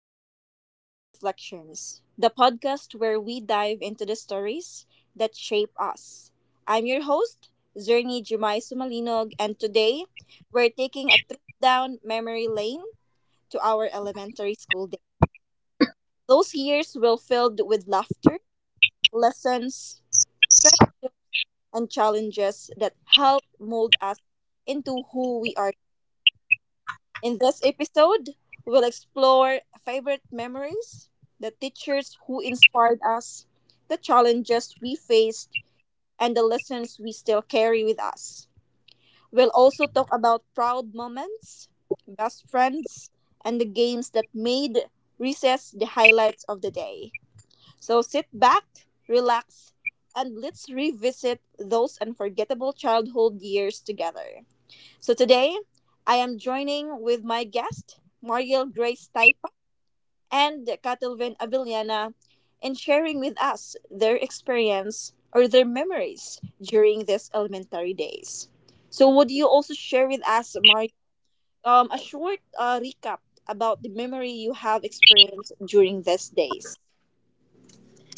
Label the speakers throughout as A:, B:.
A: welcome to Life Reflections, the podcast where we dive into the stories that shape us. I'm your host, Zernie Jumay Sumalinog, and today we're taking a trip down memory lane to our elementary school days. Those years were filled with laughter, lessons, friendship, and challenges that helped mold us into who we are. In this episode, we'll explore favorite memories, the teachers who inspired us, the challenges we faced, and the lessons we still carry with us. We'll also talk about proud moments, best friends, and the games that made recess the highlights of the day. So sit back, relax, and let's revisit those unforgettable childhood years together. So today, I am joining with my guest, Mariel Grace Taipa and Catalvin Avillana, in sharing with us their experience or their memories during these elementary days. So would you also share with us, Mariel, a short recap about the memory you have experienced during these days?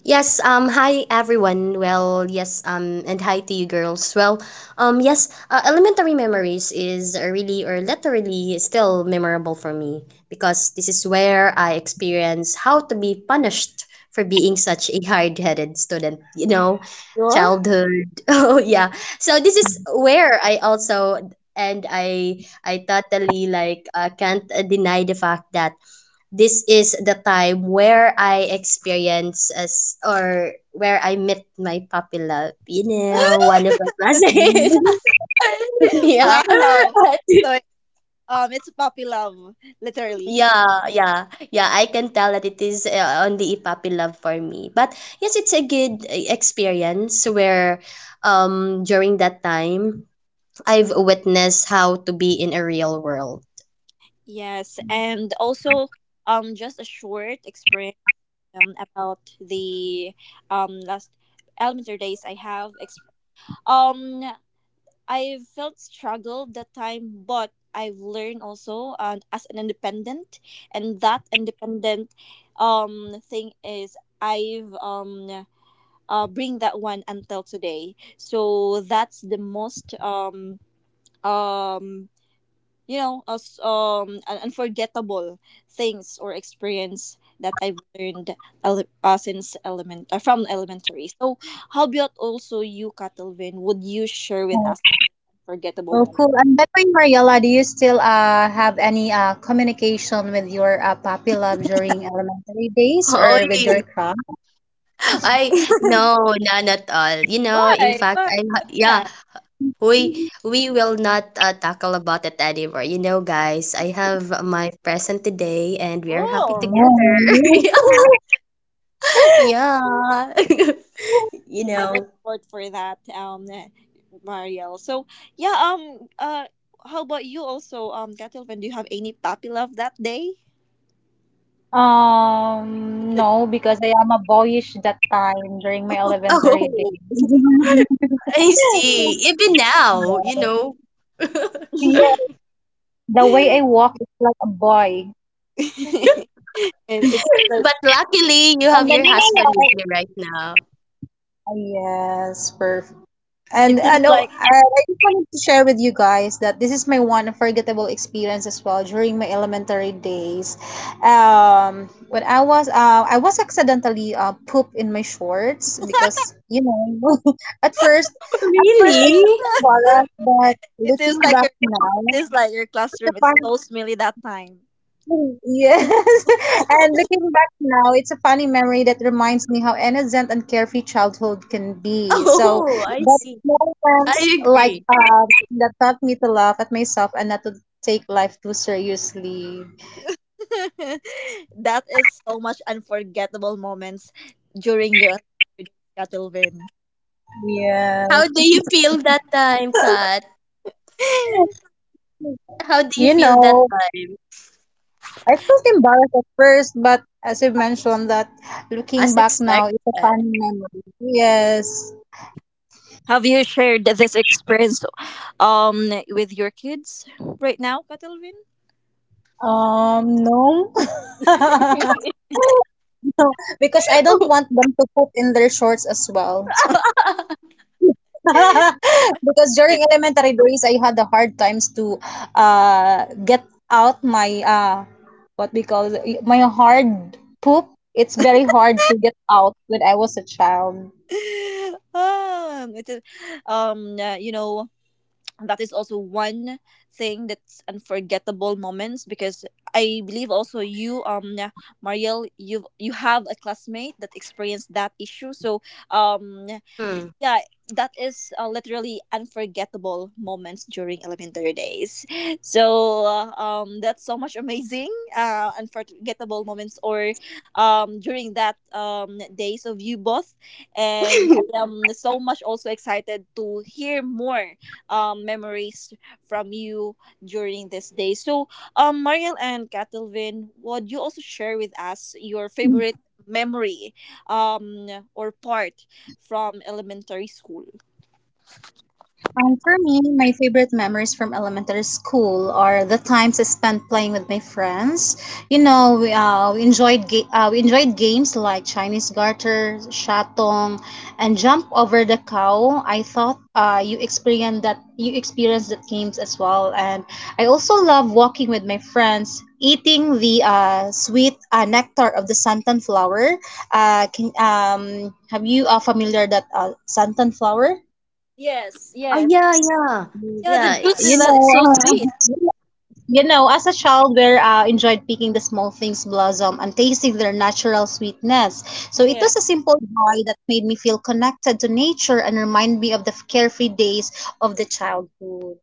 B: Yes, hi everyone. Well, yes, and hi to you girls. Well, yes, elementary memories is really or literally still memorable for me because this is where I experience how to be punished for being such a hard-headed student, you know,
A: Sure.
B: childhood. Oh, yeah. So this is where I also and I totally like can't deny the fact that this is the time where I experience as or where I met my puppy love. You know, one of my classmates. Yeah.
A: Wow! So it's puppy love, literally.
B: yeah, yeah, yeah. I can tell that it is on the puppy love for me. But yes, it's a good experience where during that time I've witnessed how to be in a real world.
A: Yes, and also just a short experience about the last elementary days I have um I felt struggle that time, but I've learned also as an independent, and that independent thing is I've bring that one until today. So that's the most um unforgettable things or experience that I've learned ele- since element from elementary. So how about also you, Catalvin? Would you share with us your unforgettable
C: Oh,
A: moment?
C: cool. And by the way, Mariella, do you still have any communication with your puppy love during elementary days
B: Oh,
C: or with your crush?
B: I no, none at all. You know, in
A: Why?
B: fact,
A: Why? Why is
B: yeah,
A: that?
B: we will not tackle about it anymore. You know, guys, I have my present today, and we are happy
A: Oh,
B: together.
C: No.
B: Yeah. You
A: and we're
B: know.
A: support for that, Mariel. So yeah, how about you also, Catalvin? Do you have any puppy love that day?
C: No, because I am a boyish that time during my
B: Oh,
C: elementary days.
B: I see. Even now, you know.
C: Yes, the way I walk is like a boy.
A: And it seems like
B: But luckily, you
C: Ang
B: have your
C: galing niya.
B: husband with you right now.
C: Yes, perfect.
A: it
C: And I
A: seems
C: know
A: like
C: I just wanted to share with you guys that this is my one unforgettable experience as well during my elementary days. When I was accidentally poop in my shorts because you know at first at first I
B: Really?
C: felt embarrassed, but
A: it seems
C: looking
A: like your
C: back now,
A: it seems like your
C: it's a
A: classroom is
C: fun.
A: so smelly that time.
C: Yes. And looking back now, it's a funny memory that reminds me how innocent and carefree childhood can be. So,
B: Oh, I
C: but
B: see.
C: moments
B: I
C: like
B: agree.
C: that taught me to laugh at myself and not to take life too seriously.
A: That is so much unforgettable moments during your, Catalvin.
C: Yeah.
B: How do you feel that time, Kat? How do you
C: You
B: feel that
C: know,
B: time?
C: I felt embarrassed at first, but as you mentioned that looking
B: As
C: back
B: expected.
C: now, it's a funny memory. Yes.
A: Have you shared this experience with your kids right now, Catalvin?
C: No. Because I don't want them to poop in their shorts as well. Because during elementary days, I had the hard times to get out my what we call it, my hard poop. It's very hard to get out when I was a child.
A: It is, um, uh, you know, that is also one thing that's unforgettable moments, because I believe also you, Mariel, you have a classmate that experienced that issue. So um
B: Mm.
A: yeah, that is literally unforgettable moments during elementary days. So that's so much amazing unforgettable moments, or during that days of you both. And I am so much also excited to hear more memories from you during this day. So Mariel and Catalvin, would you also share with us your favorite memory um or part from elementary school.
C: And for me, my favorite memories from elementary school are the times I spent playing with my friends. You know, we enjoyed we enjoyed games like Chinese garter, shatong, and jump over the cow. I thought you experienced that games as well. And I also love walking with my friends, eating the sweet nectar of the santan flower. Can have you familiar that santan flower?
A: Yes,
B: Oh,
A: yes. Yeah, the
B: yeah.
A: juice with
C: You
B: It's
A: that
C: know,
A: is so sweet.
C: uh, you know, as a child, we enjoyed picking the small things blossom and tasting their natural sweetness. So it
A: Yeah.
C: was a simple joy that made me feel connected to nature and remind me of the carefree days of the childhood.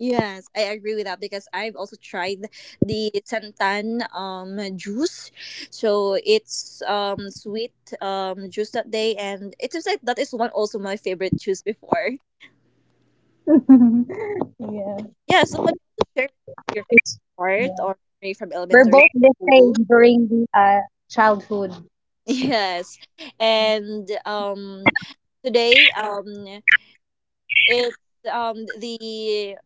A: Yes, I agree with that, because I've also tried the santan juice. So it's sweet juice that day, and it seems like that is one also my favorite juice before.
C: Yeah.
A: Yeah, so could you share your favorite
C: It's-
A: part
C: yeah.
A: or memory from
C: We're
A: elementary
C: both the
A: school?
C: same during the childhood.
A: Yes. And today it's the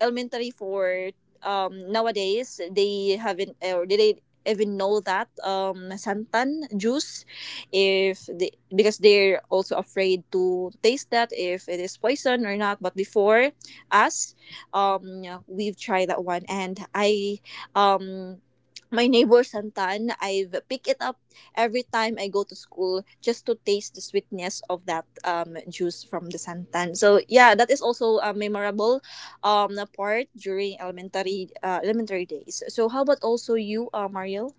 A: elementary for nowadays, they haven't or they didn't even know that santan juice, if they, because they're also afraid to taste that if it is poison or not. But before us, um we've tried that one. And I, um my neighbor santan, I've picked it up every time I go to school just to taste the sweetness of that juice from the santan. So yeah, that is also memorable apart during elementary days. So how about also you, Mariel?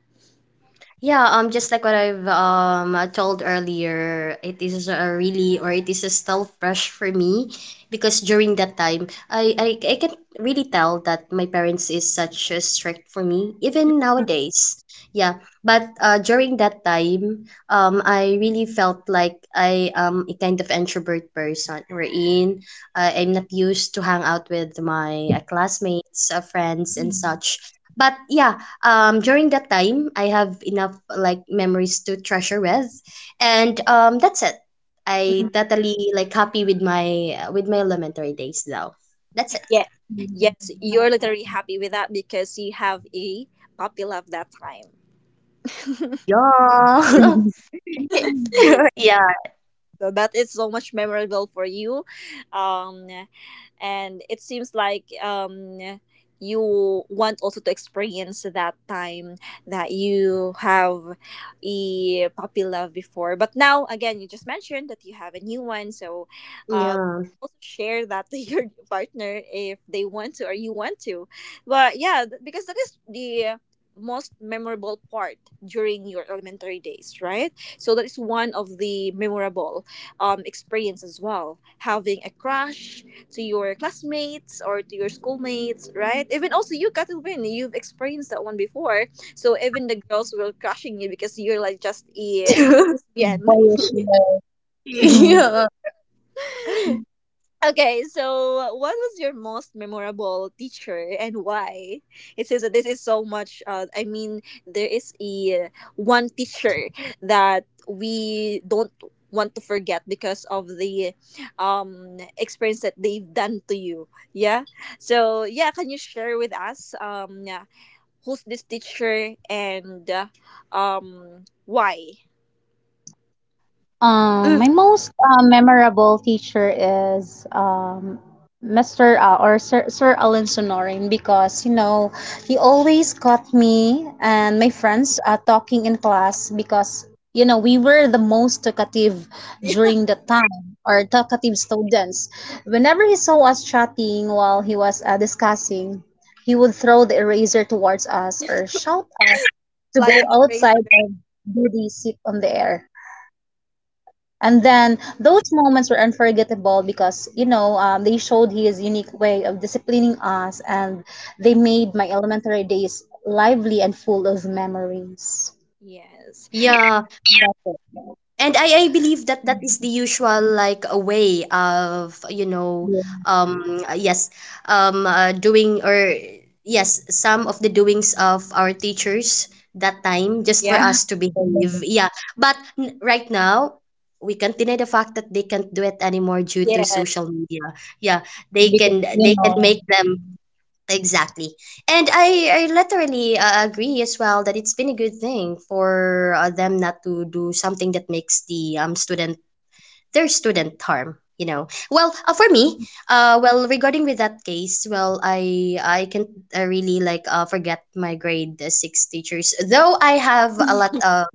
B: yeah, just like what I've told earlier, it is a really or it is a still fresh for me because during that time, I can really tell that my parents is such a strict for me even nowadays. Yeah, but during that time, I really felt like I am a kind of introvert person. Wherein I'm not used to hang out with my classmates, friends, and such. But yeah, during that time I have enough like memories to treasure with and that's it. I
A: Mhm.
B: totally like happy with my elementary days now. That's it.
A: Yeah. Yes, you're literally happy with that because you have a puppy love that time.
B: Yeah
C: Mhm.
B: yeah
A: So that is so much memorable for you. Um, and it seems like, you want also to experience that time that you have a puppy love before. But now, again, you just mentioned that you have a new one. So um,
B: yeah.
A: also share that to your partner if they want to or you want to. But yeah, because that is the most memorable part during your elementary days, right? So that is one of the memorable experience as well. Having a crush to your classmates or to your schoolmates, right? Even also you, Katuvin, you've experienced that one before. So even the girls were crushing you because you're like just a lesbian.
C: Boyish, yeah.
B: Yeah.
A: Okay, so what was your most memorable teacher, and why? It seems that this is so much. I mean, there is a one teacher that we don't want to forget because of the experience that they've done to you. Yeah. So yeah, can you share with us, yeah, who's this teacher and why?
B: Mm.
C: My most memorable teacher is Mr. Or Sir, Sir Alan Sonorin because you know he always caught me and my friends talking in class because you know we were the most talkative during the time or talkative students. Whenever he saw us chatting while he was discussing, he would throw the eraser towards us or shout us to go
A: Flying
C: outside
A: eraser.
C: and do the sit on the air, and then
B: Oh,
C: those moments were unforgettable because, you know, they showed his unique way of disciplining us, and they made my elementary days lively and full of memories.
A: Yes.
B: yeah. And I believe that that is the usual like a way of you know
C: Yeah,
B: yes doing or yes some of the doings of our teachers that time just for
A: Yeah.
B: us to behave. Yeah, but right now we can't deny the fact that they can't do it anymore due to
A: Yes.
B: social media. Yeah,
C: because you
B: they can
C: know,
B: make them. Exactly. And I literally agree as well that it's been a good thing for them not to do something that makes the student their student harm, you know. Well, for me, well, regarding with that case, well, I can really like forget my grade six teachers though I have a lot of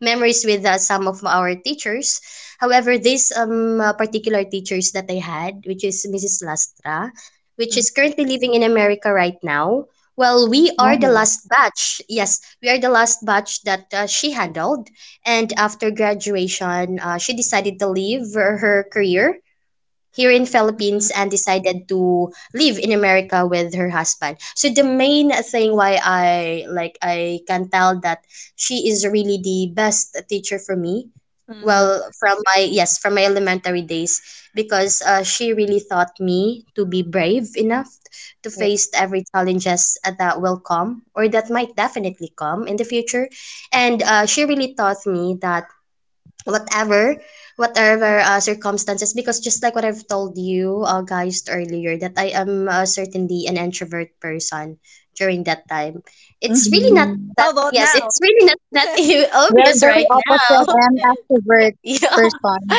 B: memories with some of our teachers. However, this particular teachers that I had, which is Mrs. Lastra, which is currently living in America right now. Well, we are the
C: oh,
B: last batch. Yes, we are the last batch that she handled, and after graduation, she decided to leave her career here in
A: Mm-hmm.
B: Philippines and decided to live in America with her husband. So the main thing why I like I can tell that she is really the best teacher for me. Well, from my yes, from my elementary days because she really taught me to be brave enough to
A: Yeah.
B: face every challenges that will come or that might definitely come in the future. And she really taught me that whatever whatever circumstances, because just like what I've told you guys earlier that I am certainly an introvert person during that time. It's really not
C: mm,
B: that
A: How about
B: yes
A: now?
B: it's really not that
C: we are
B: obvious
C: very
B: right now.
C: opposite. I am extrovert
B: Yeah.
C: person.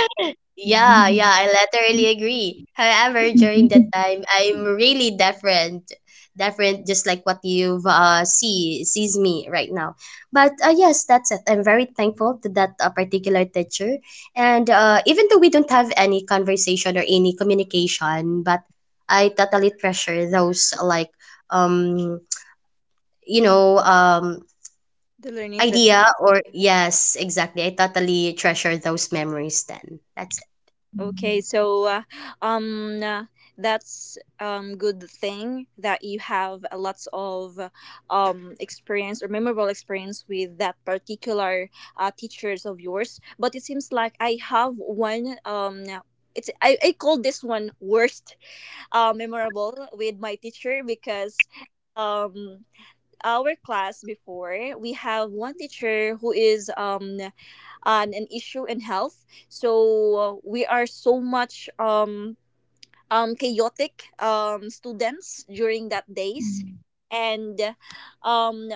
B: Yeah, I literally agree. However, during that time, I'm really different. Different, just like what you've see sees me right now. But yes, that's it. I'm very thankful to that particular teacher. And even though we don't have any conversation or any communication, but I totally treasure those like um you know um
A: The learning step.
B: idea or yes, exactly. I totally treasure those memories then. That's
A: Okay, so um, uh, that's good thing that you have a lots of experience or memorable experience with that particular teachers of yours. But it seems like I have one. I call this one worst, memorable with my teacher. Because um our class before, we have one teacher who is on an issue in health. So we are so much chaotic students during that days. and um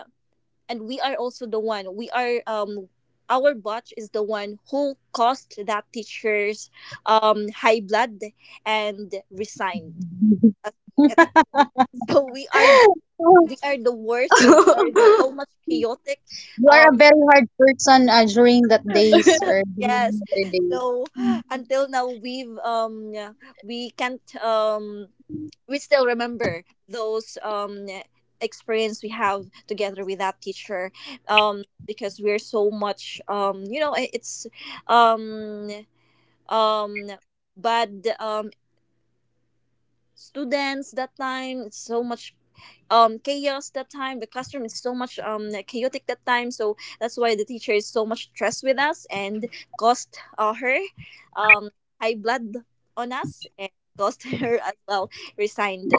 A: and we are also the one. We are um our batch is the one who caused that teacher's high blood and resigned as being a teacher. So we are the
C: You
A: we are the worst, or
B: it.
A: so much chaotic,
C: are a
A: um
C: very hard person during that days or
A: yes.
C: during the
A: So until now, we've yeah, we can't, we still remember those experience we have together with that teacher, because we're so much, it's um um bad students that time. So much chaos that time. The classroom is so much chaotic that time. So that's why the teacher is so much stressed with us and caused, her um high blood on us, and caused her as well resigned.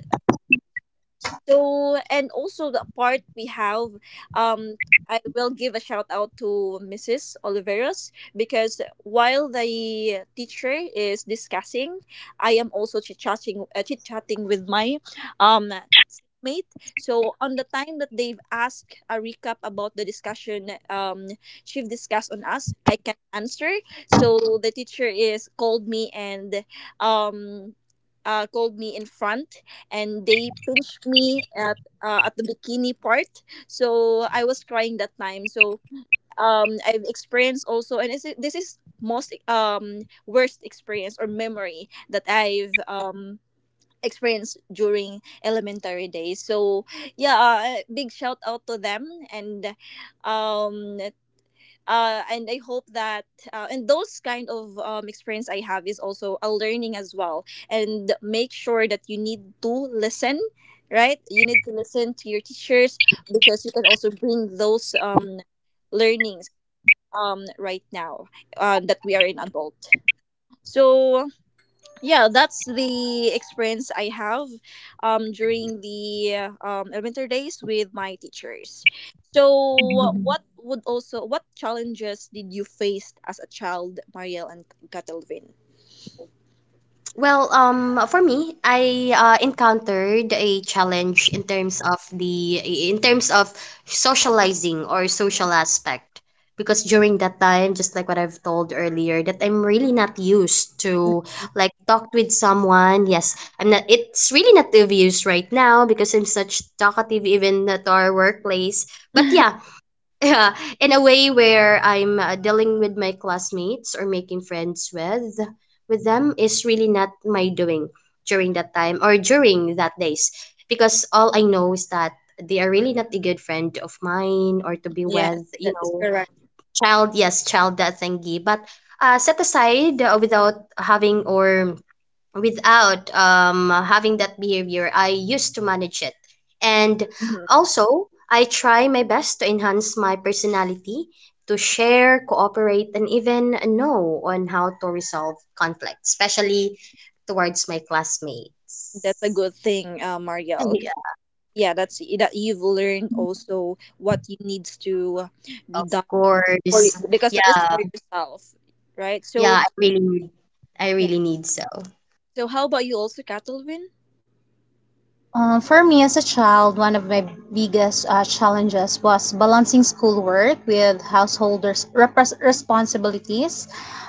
A: So, and also the part we have, um I will give a shout out to Mrs. Oliveros, because while the teacher is discussing, I am also chit chatting with my um mate. So on the time that they've asked a recap about the discussion, chief discussed on us, I can answer. So the teacher is called me, and um called me in front, and they pinched me at, at the bikini part, so I was crying that time. So I've experienced also, this is most worst experience or memory that I've experienced during elementary days. So yeah, big shout out to them. And um uh and I hope that, and those kind of, experience I have is also a learning as well. And make sure that you need to listen. Right, you need to listen to your teachers, because you can also bring those learnings right now, that we are in adult. So yeah, that's the experience I have, during the elementary days with my teachers. So
C: days.
A: what would also what challenges did you face as a child, Marielle and Catalvin?
B: Well, for me, I encountered a challenge in terms of the in terms of socializing or social aspect because during that time, just like what I've told earlier, that I'm really not used
A: Mm-hmm.
B: to like talk with someone. Yes, I'm not. It's really not obvious right now because I'm such talkative even at our workplace. But yeah, yeah, in a way where I'm dealing with my classmates or making friends with them is really not my doing during that time or during that days because all I know is that they are really not a good friend of mine or to be
A: Yes,
B: with, you
A: that is
B: know,
A: correct.
B: child, yes, child that thingy. But set aside without having or without having that behavior, I used to manage it. And
A: Mhm.
B: also, I try my best to enhance my personality, to share, cooperate, and even know on how to resolve conflict, especially towards my
A: That's a
B: classmates.
A: good thing, Marielle.
B: Yeah,
A: Yeah, that's that you've learned also what you needs to be
B: of
A: done for you,
B: course.
A: because that
B: Yeah,
A: is for yourself, right?
B: yeah,
A: So
B: I really need, I
A: yeah.
B: really need so.
A: So how about you also, Catalwin?
C: For me as a child, one of my biggest challenges was balancing schoolwork with householders' repres responsibilities.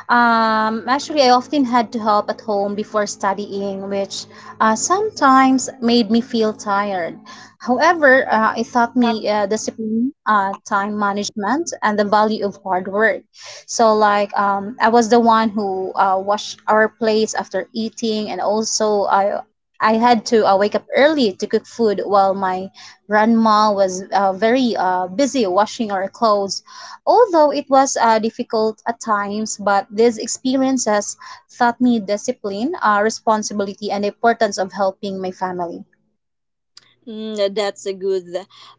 C: Actually, I often had to help at home before studying, which sometimes made me feel tired. However, it taught me discipline, time management, and the value of hard work. So, like, I was the one who washed our plates after eating, and also I had to wake up early to cook food while my grandma was very busy washing our clothes. Although it was difficult at times, but these experiences taught me discipline, responsibility, and the importance of helping my family.
A: Mm, that's a good,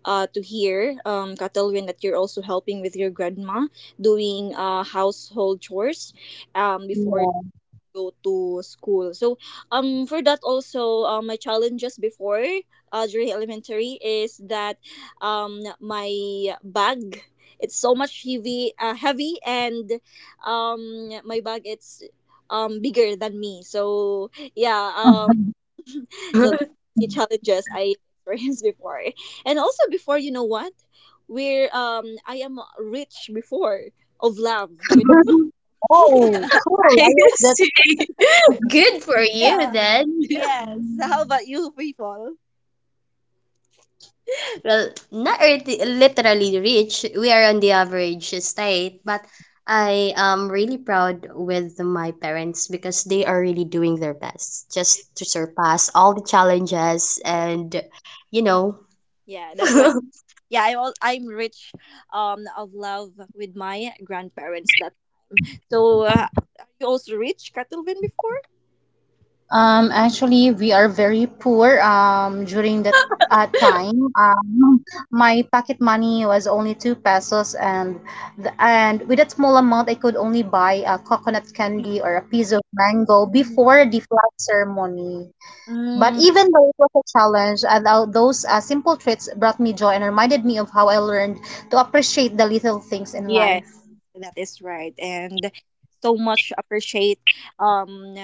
A: to hear, Catalwin, that you're also helping with your grandma doing, household chores, before
C: Yeah.
A: go to school. So for that also, my challenges before, during elementary is that my bag, it's so much heavy and um my bag, it's bigger than me. So yeah, so that's the challenges I experienced before. And also before, you know what, where I am rich before of love with
C: Oh.
B: I see. Good for you
A: yeah,
B: then.
A: yes. How about you people?
B: Well, not really, literally rich. We are on the average state, but I am really proud with my parents because they are really doing their best just to surpass all the challenges
A: That is-
B: and you know.
A: yeah, that's why. Yeah, I'm rich of love with my grandparents, that. So, are you also rich, Catalvin, before?
C: Actually, we are very poor during that time. My pocket money was only two pesos, and with that small amount, I could only buy a coconut
A: Mm,
C: candy or a piece of mango before the flag ceremony. But
A: mm,
C: even though it was a challenge, and those simple treats brought me joy and reminded me of how I learned to appreciate the little things in
A: yes,
C: life.
A: that is right, and so much appreciate. Um,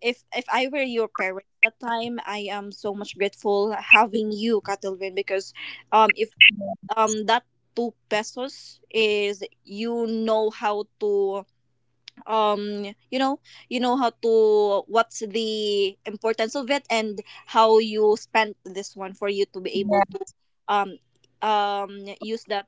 A: if I were your parents that time, I am so much grateful having you, Catalvin, because if that two pesos is, how to, um you know how to, what's the importance of it, and how you spend this one for you to be
C: Yeah,
A: able to um use that,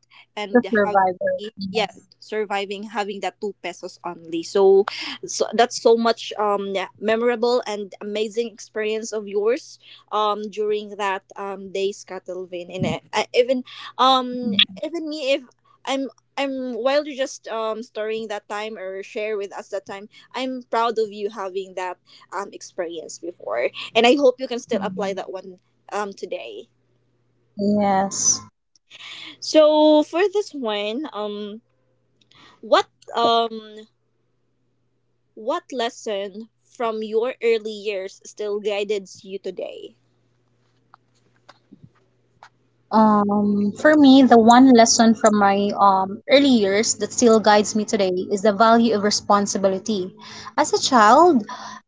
C: the
A: and how
C: survivor.
A: yeah,
C: Yes.
A: surviving having that two pesos only. So that's so much, yeah, memorable and amazing experience of yours, during that days, Catalvin. And um even me, if I'm I'm while you're just storing that time or share with us that time, I'm proud of you having that experience before. And I hope you can still apply that one today.
C: Yes.
A: So for this one, what um what lesson from your early years still guides you today?
C: For me, the one lesson from my early years that still guides me today is the value of responsibility. As a child,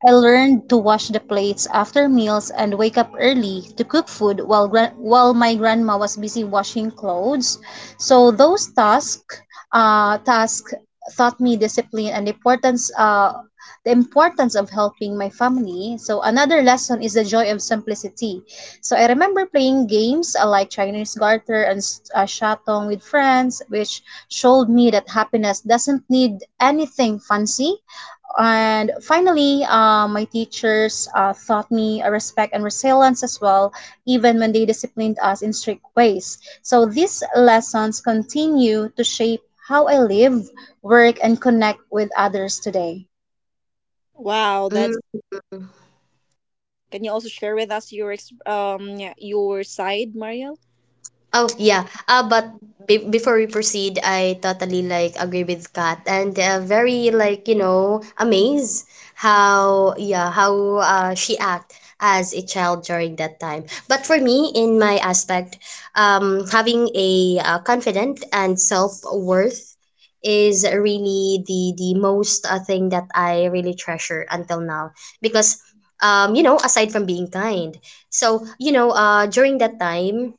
C: I learned to wash the plates after meals and wake up early to cook food while while my grandma was busy washing clothes. So those tasks, tasks taught me discipline and importance the importance of helping my family. So another lesson is the joy of simplicity. So I remember playing games like Chinese Garter and Shatong with friends, which showed me that happiness doesn't need anything fancy. And finally, my teachers taught me respect and resilience as well, even when they disciplined us in strict ways. So these lessons continue to shape how I live, work, and connect with others today.
A: Wow, that's Can you also share with us your your side, Mariel?
B: Oh yeah, but be before we proceed, I totally like agree with Kat and very like you know amazed how yeah how she act as a child during that time. But for me, in my aspect, having a confident and self worth is really the most thing that I really treasure until now because you know aside from being kind, so you know during that time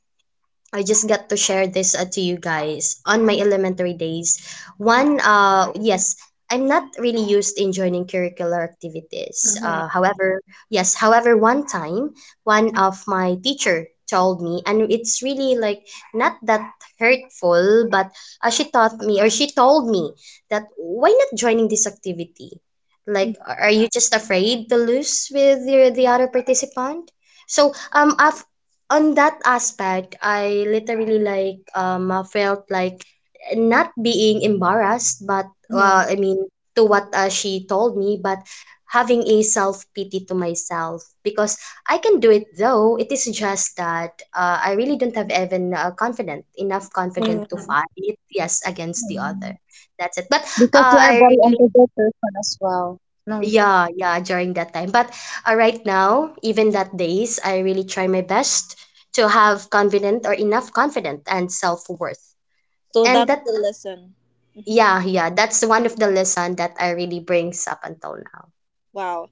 B: I just got to share this to you guys on my elementary days. One, yes, I'm not really used in joining curricular activities.
A: Mhm.
B: However, yes, however, one time, one of my teacher told me, and it's really like not that hurtful, but she taught me or she told me that why not joining this activity? Like, are you just afraid to lose with the other participant? So, af on that aspect, I literally like felt like not being embarrassed, but
A: Mhm.
B: I mean to what she told me, but having a self pity to myself because I can do it though. It is just that I really don't have even confident enough confident to
A: Mm.
B: fight yes against the other.
C: Mm.
B: That's it. But
C: Because you are a
B: I
C: very
B: really
C: empathetic person as well. No.
B: yeah, during that time. But right now, even that days, I really try my best to have confident or enough confident and self-worth.
A: So
B: And
A: that's
B: that,
A: the lesson. hmm
B: yeah, that's one of the lesson that I really brings up until now.
A: Wow.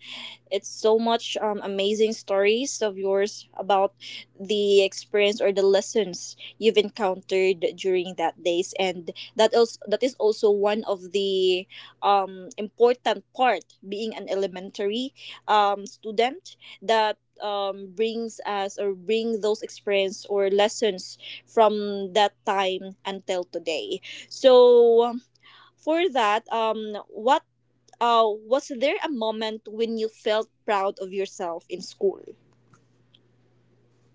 A: It's so much amazing stories of yours about the experience or the lessons you've encountered during that days, and that is also one of the important part being an elementary student that brings us or bring those experience or lessons from that time until today. So for that, what was there a moment when you felt proud of yourself in school?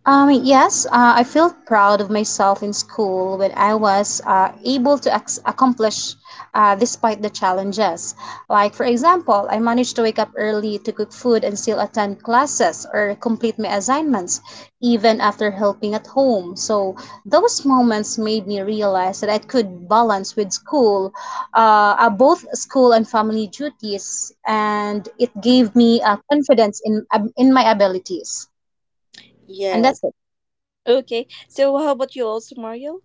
C: Yes, I feel proud of myself in school when I was able to accomplish despite the challenges. Like, for example, I managed to wake up early to cook food and still attend classes or complete my assignments, even after helping at home. So, those moments made me realize that I could balance with school, both school and family duties, and it gave me confidence in my abilities. And that's
A: Yes. Okay. So how about you also, Mario?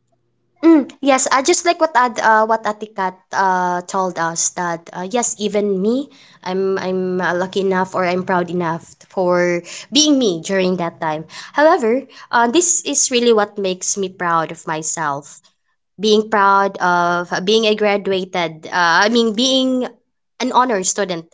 B: Mm, yes, just like what what Atikat told us that yes, even me, I'm lucky enough or I'm proud enough for being me during that time. However, this is really what makes me proud of myself being proud of I mean, being an honor student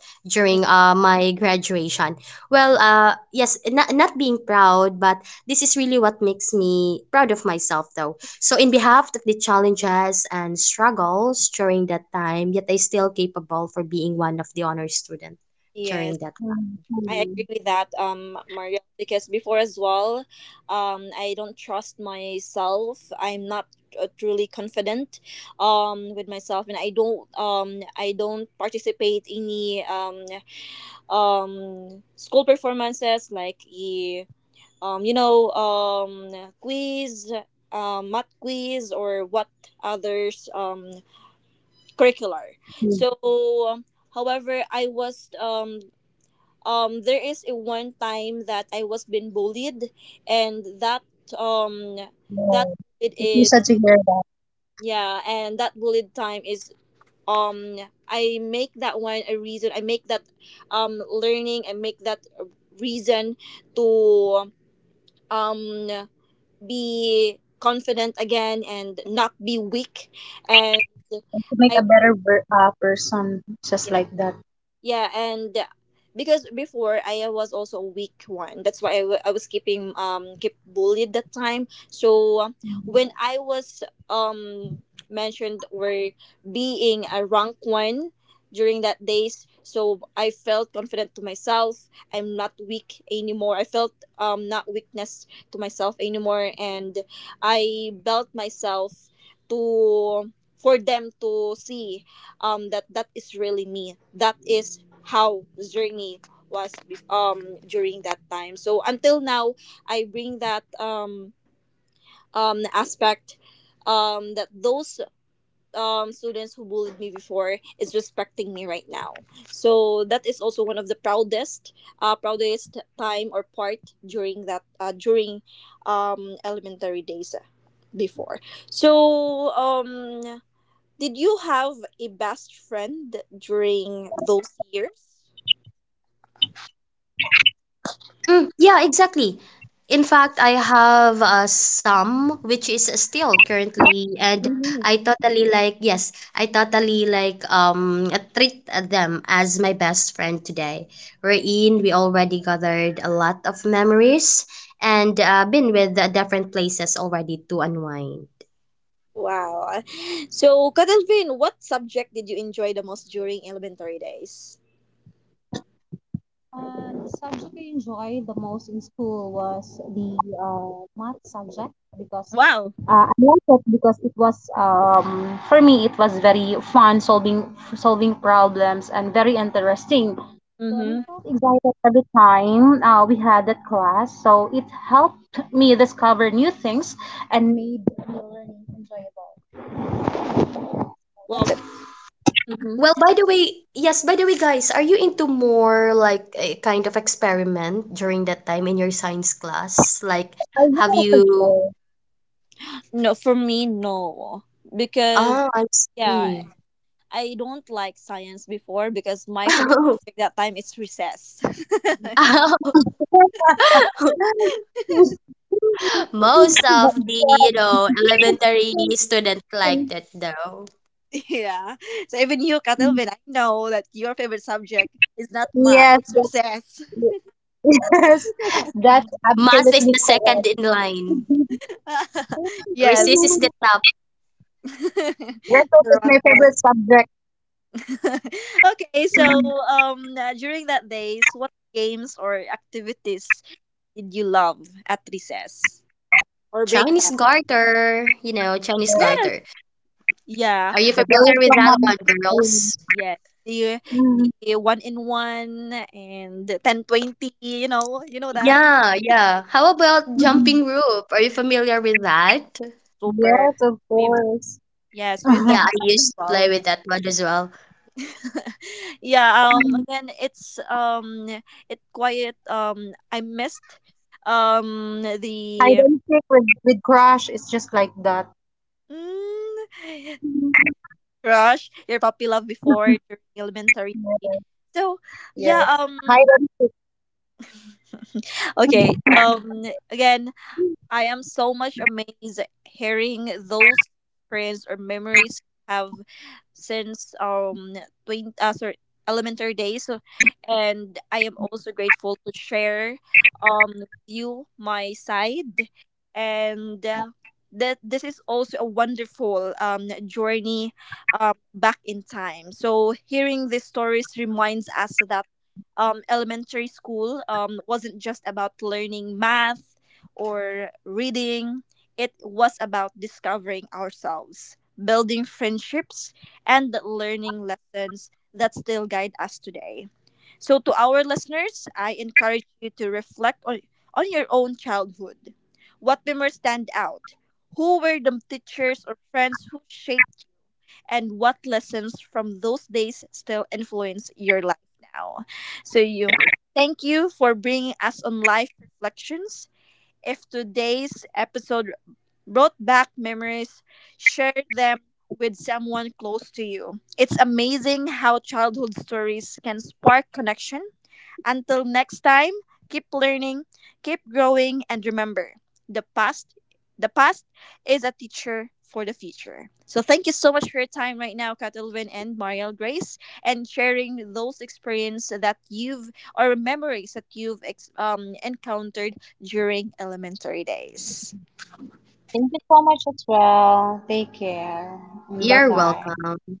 A: Mm,
B: during my graduation. Well, yes, not being proud, but this is really what makes me proud of myself, though. So, in behalf of the challenges and struggles during that time, yet I still capable for being one of the honor student
A: yes,
B: during that
A: I
C: Mhm.
A: agree with that, Mario, because before as well, I don't trust myself. I'm not truly confident, with myself, and I don't participate any, school performances like um, you know, um, quiz, math quiz, or what others curricular.
C: Mhm.
A: So, um, however, I was there is a one time that I was being bullied, and um,
C: Yeah.
A: that it
C: It's so
A: is
C: sad to hear that.
A: yeah, and that bullied time is um I make that one a reason. I make that learning. I make that reason to um be confident again and not be weak and
C: And to make a
A: I
C: better person just
A: yeah,
C: like that.
A: yeah, and because before I was also a weak one. That's why I was keeping keep bullied that time. So when I was um mentioned or being a rank one during that days, so I felt confident to myself. I'm not weak anymore. I felt not weakness to myself anymore, and I built myself to for them to see that that is really me, that is how journey was during that time, so until now I bring that aspect, that those students who bullied me before is respecting me right now. So that is also one of the proudest proudest time or part during that during elementary days, before. So did you have a best friend during those years?
B: Mm, yeah, exactly. In fact, I have some which is still currently, and
A: Mhm.
B: I totally like, yes, I totally like treat them as my best friend today. We're in, we already gathered a lot of memories and been with different places already to unwind.
A: Wow. So, Kadalvin, what subject did you enjoy the most during elementary days?
C: And the subject I enjoyed the most in school was the math subject because
A: Wow.
C: I liked it because it was for me it was very fun solving problems and very interesting. So and I
A: Mm-hmm.
C: felt excited every time we had that class. So it helped me discover new things and made the learning enjoyable. So,
A: Well,
C: that's it.
A: mhm.
B: Well, by the way, yes, by the way, guys, are you into more like a kind of experiment during that time in your science class? Like,
C: I really
B: have
C: like the
B: you?
C: school.
A: No, for me, no. Because,
B: Oh, I
A: yeah,
B: see.
A: I don't like science before, because my favorite subject that time is recess.
B: Most of the, you know, elementary student like that though.
A: Yeah. So, even you, Kadalvin, I know that your favorite subject is not math,
C: Yes,
A: it's
C: that's
A: recess.
C: yes, that's
B: Math is the
C: absolutely
B: second
C: correct.
B: in line.
A: Yes.
B: Resist is the top.
A: The
C: Research is
A: wrong
C: my
A: one.
C: favorite subject.
A: Okay, so during that days, what games or activities did you love at recess or break
B: Chinese
A: time?
B: garter, you know, Chinese
C: Yeah,
A: Yes.
B: garter.
A: Yeah.
B: Are you
C: the
A: Uh,
B: familiar
C: very
B: with that
C: common
B: one,
C: thing.
B: girls?
A: yes. The
C: Mm,
A: the one in one and the 10, 20. You know that
B: Yeah, yeah. How about
C: mm.
B: jumping rope? Are you familiar with that?
A: super.
C: Yes, of
A: We've
C: course.
A: yes, we've done
B: Yeah, I
A: that as
B: used to play
A: well.
B: with that one as well.
A: Yeah, again it's it quiet, I missed
C: Hide
A: the
C: and seek with crush is just like that.
A: mm, crush your puppy love before during elementary,
C: Yeah,
A: so
C: yeah.
A: yeah.
C: Hide and
A: Okay,
C: seek.
A: again, I am so much amazed hearing those friends or memories you have since twin uh, sorry, elementary days. So and I am also grateful to share with you my side, and that this is also a wonderful journey back in time. So hearing these stories reminds us that elementary school wasn't just about learning math or reading. It was about discovering ourselves, building friendships, and learning lessons that still guide us today. So, to our listeners, I encourage you to reflect on your own childhood. What memories stand out? Who were the teachers or friends who shaped you? And what lessons from those days still influence your life now? So, you thank you for bringing us on life reflections. If today's episode brought back memories, share them with someone close to you. It's amazing how childhood stories can spark connection. Until next time, keep learning, keep growing, and remember the past. The past is a teacher for the future. So thank you so much for your time right now, Catalvin and Mariel Grace, and sharing those experience that you've or memories that you've encountered during elementary days.
C: Thank you so much as well. Take care. Bye
B: You're
C: bye.
B: welcome.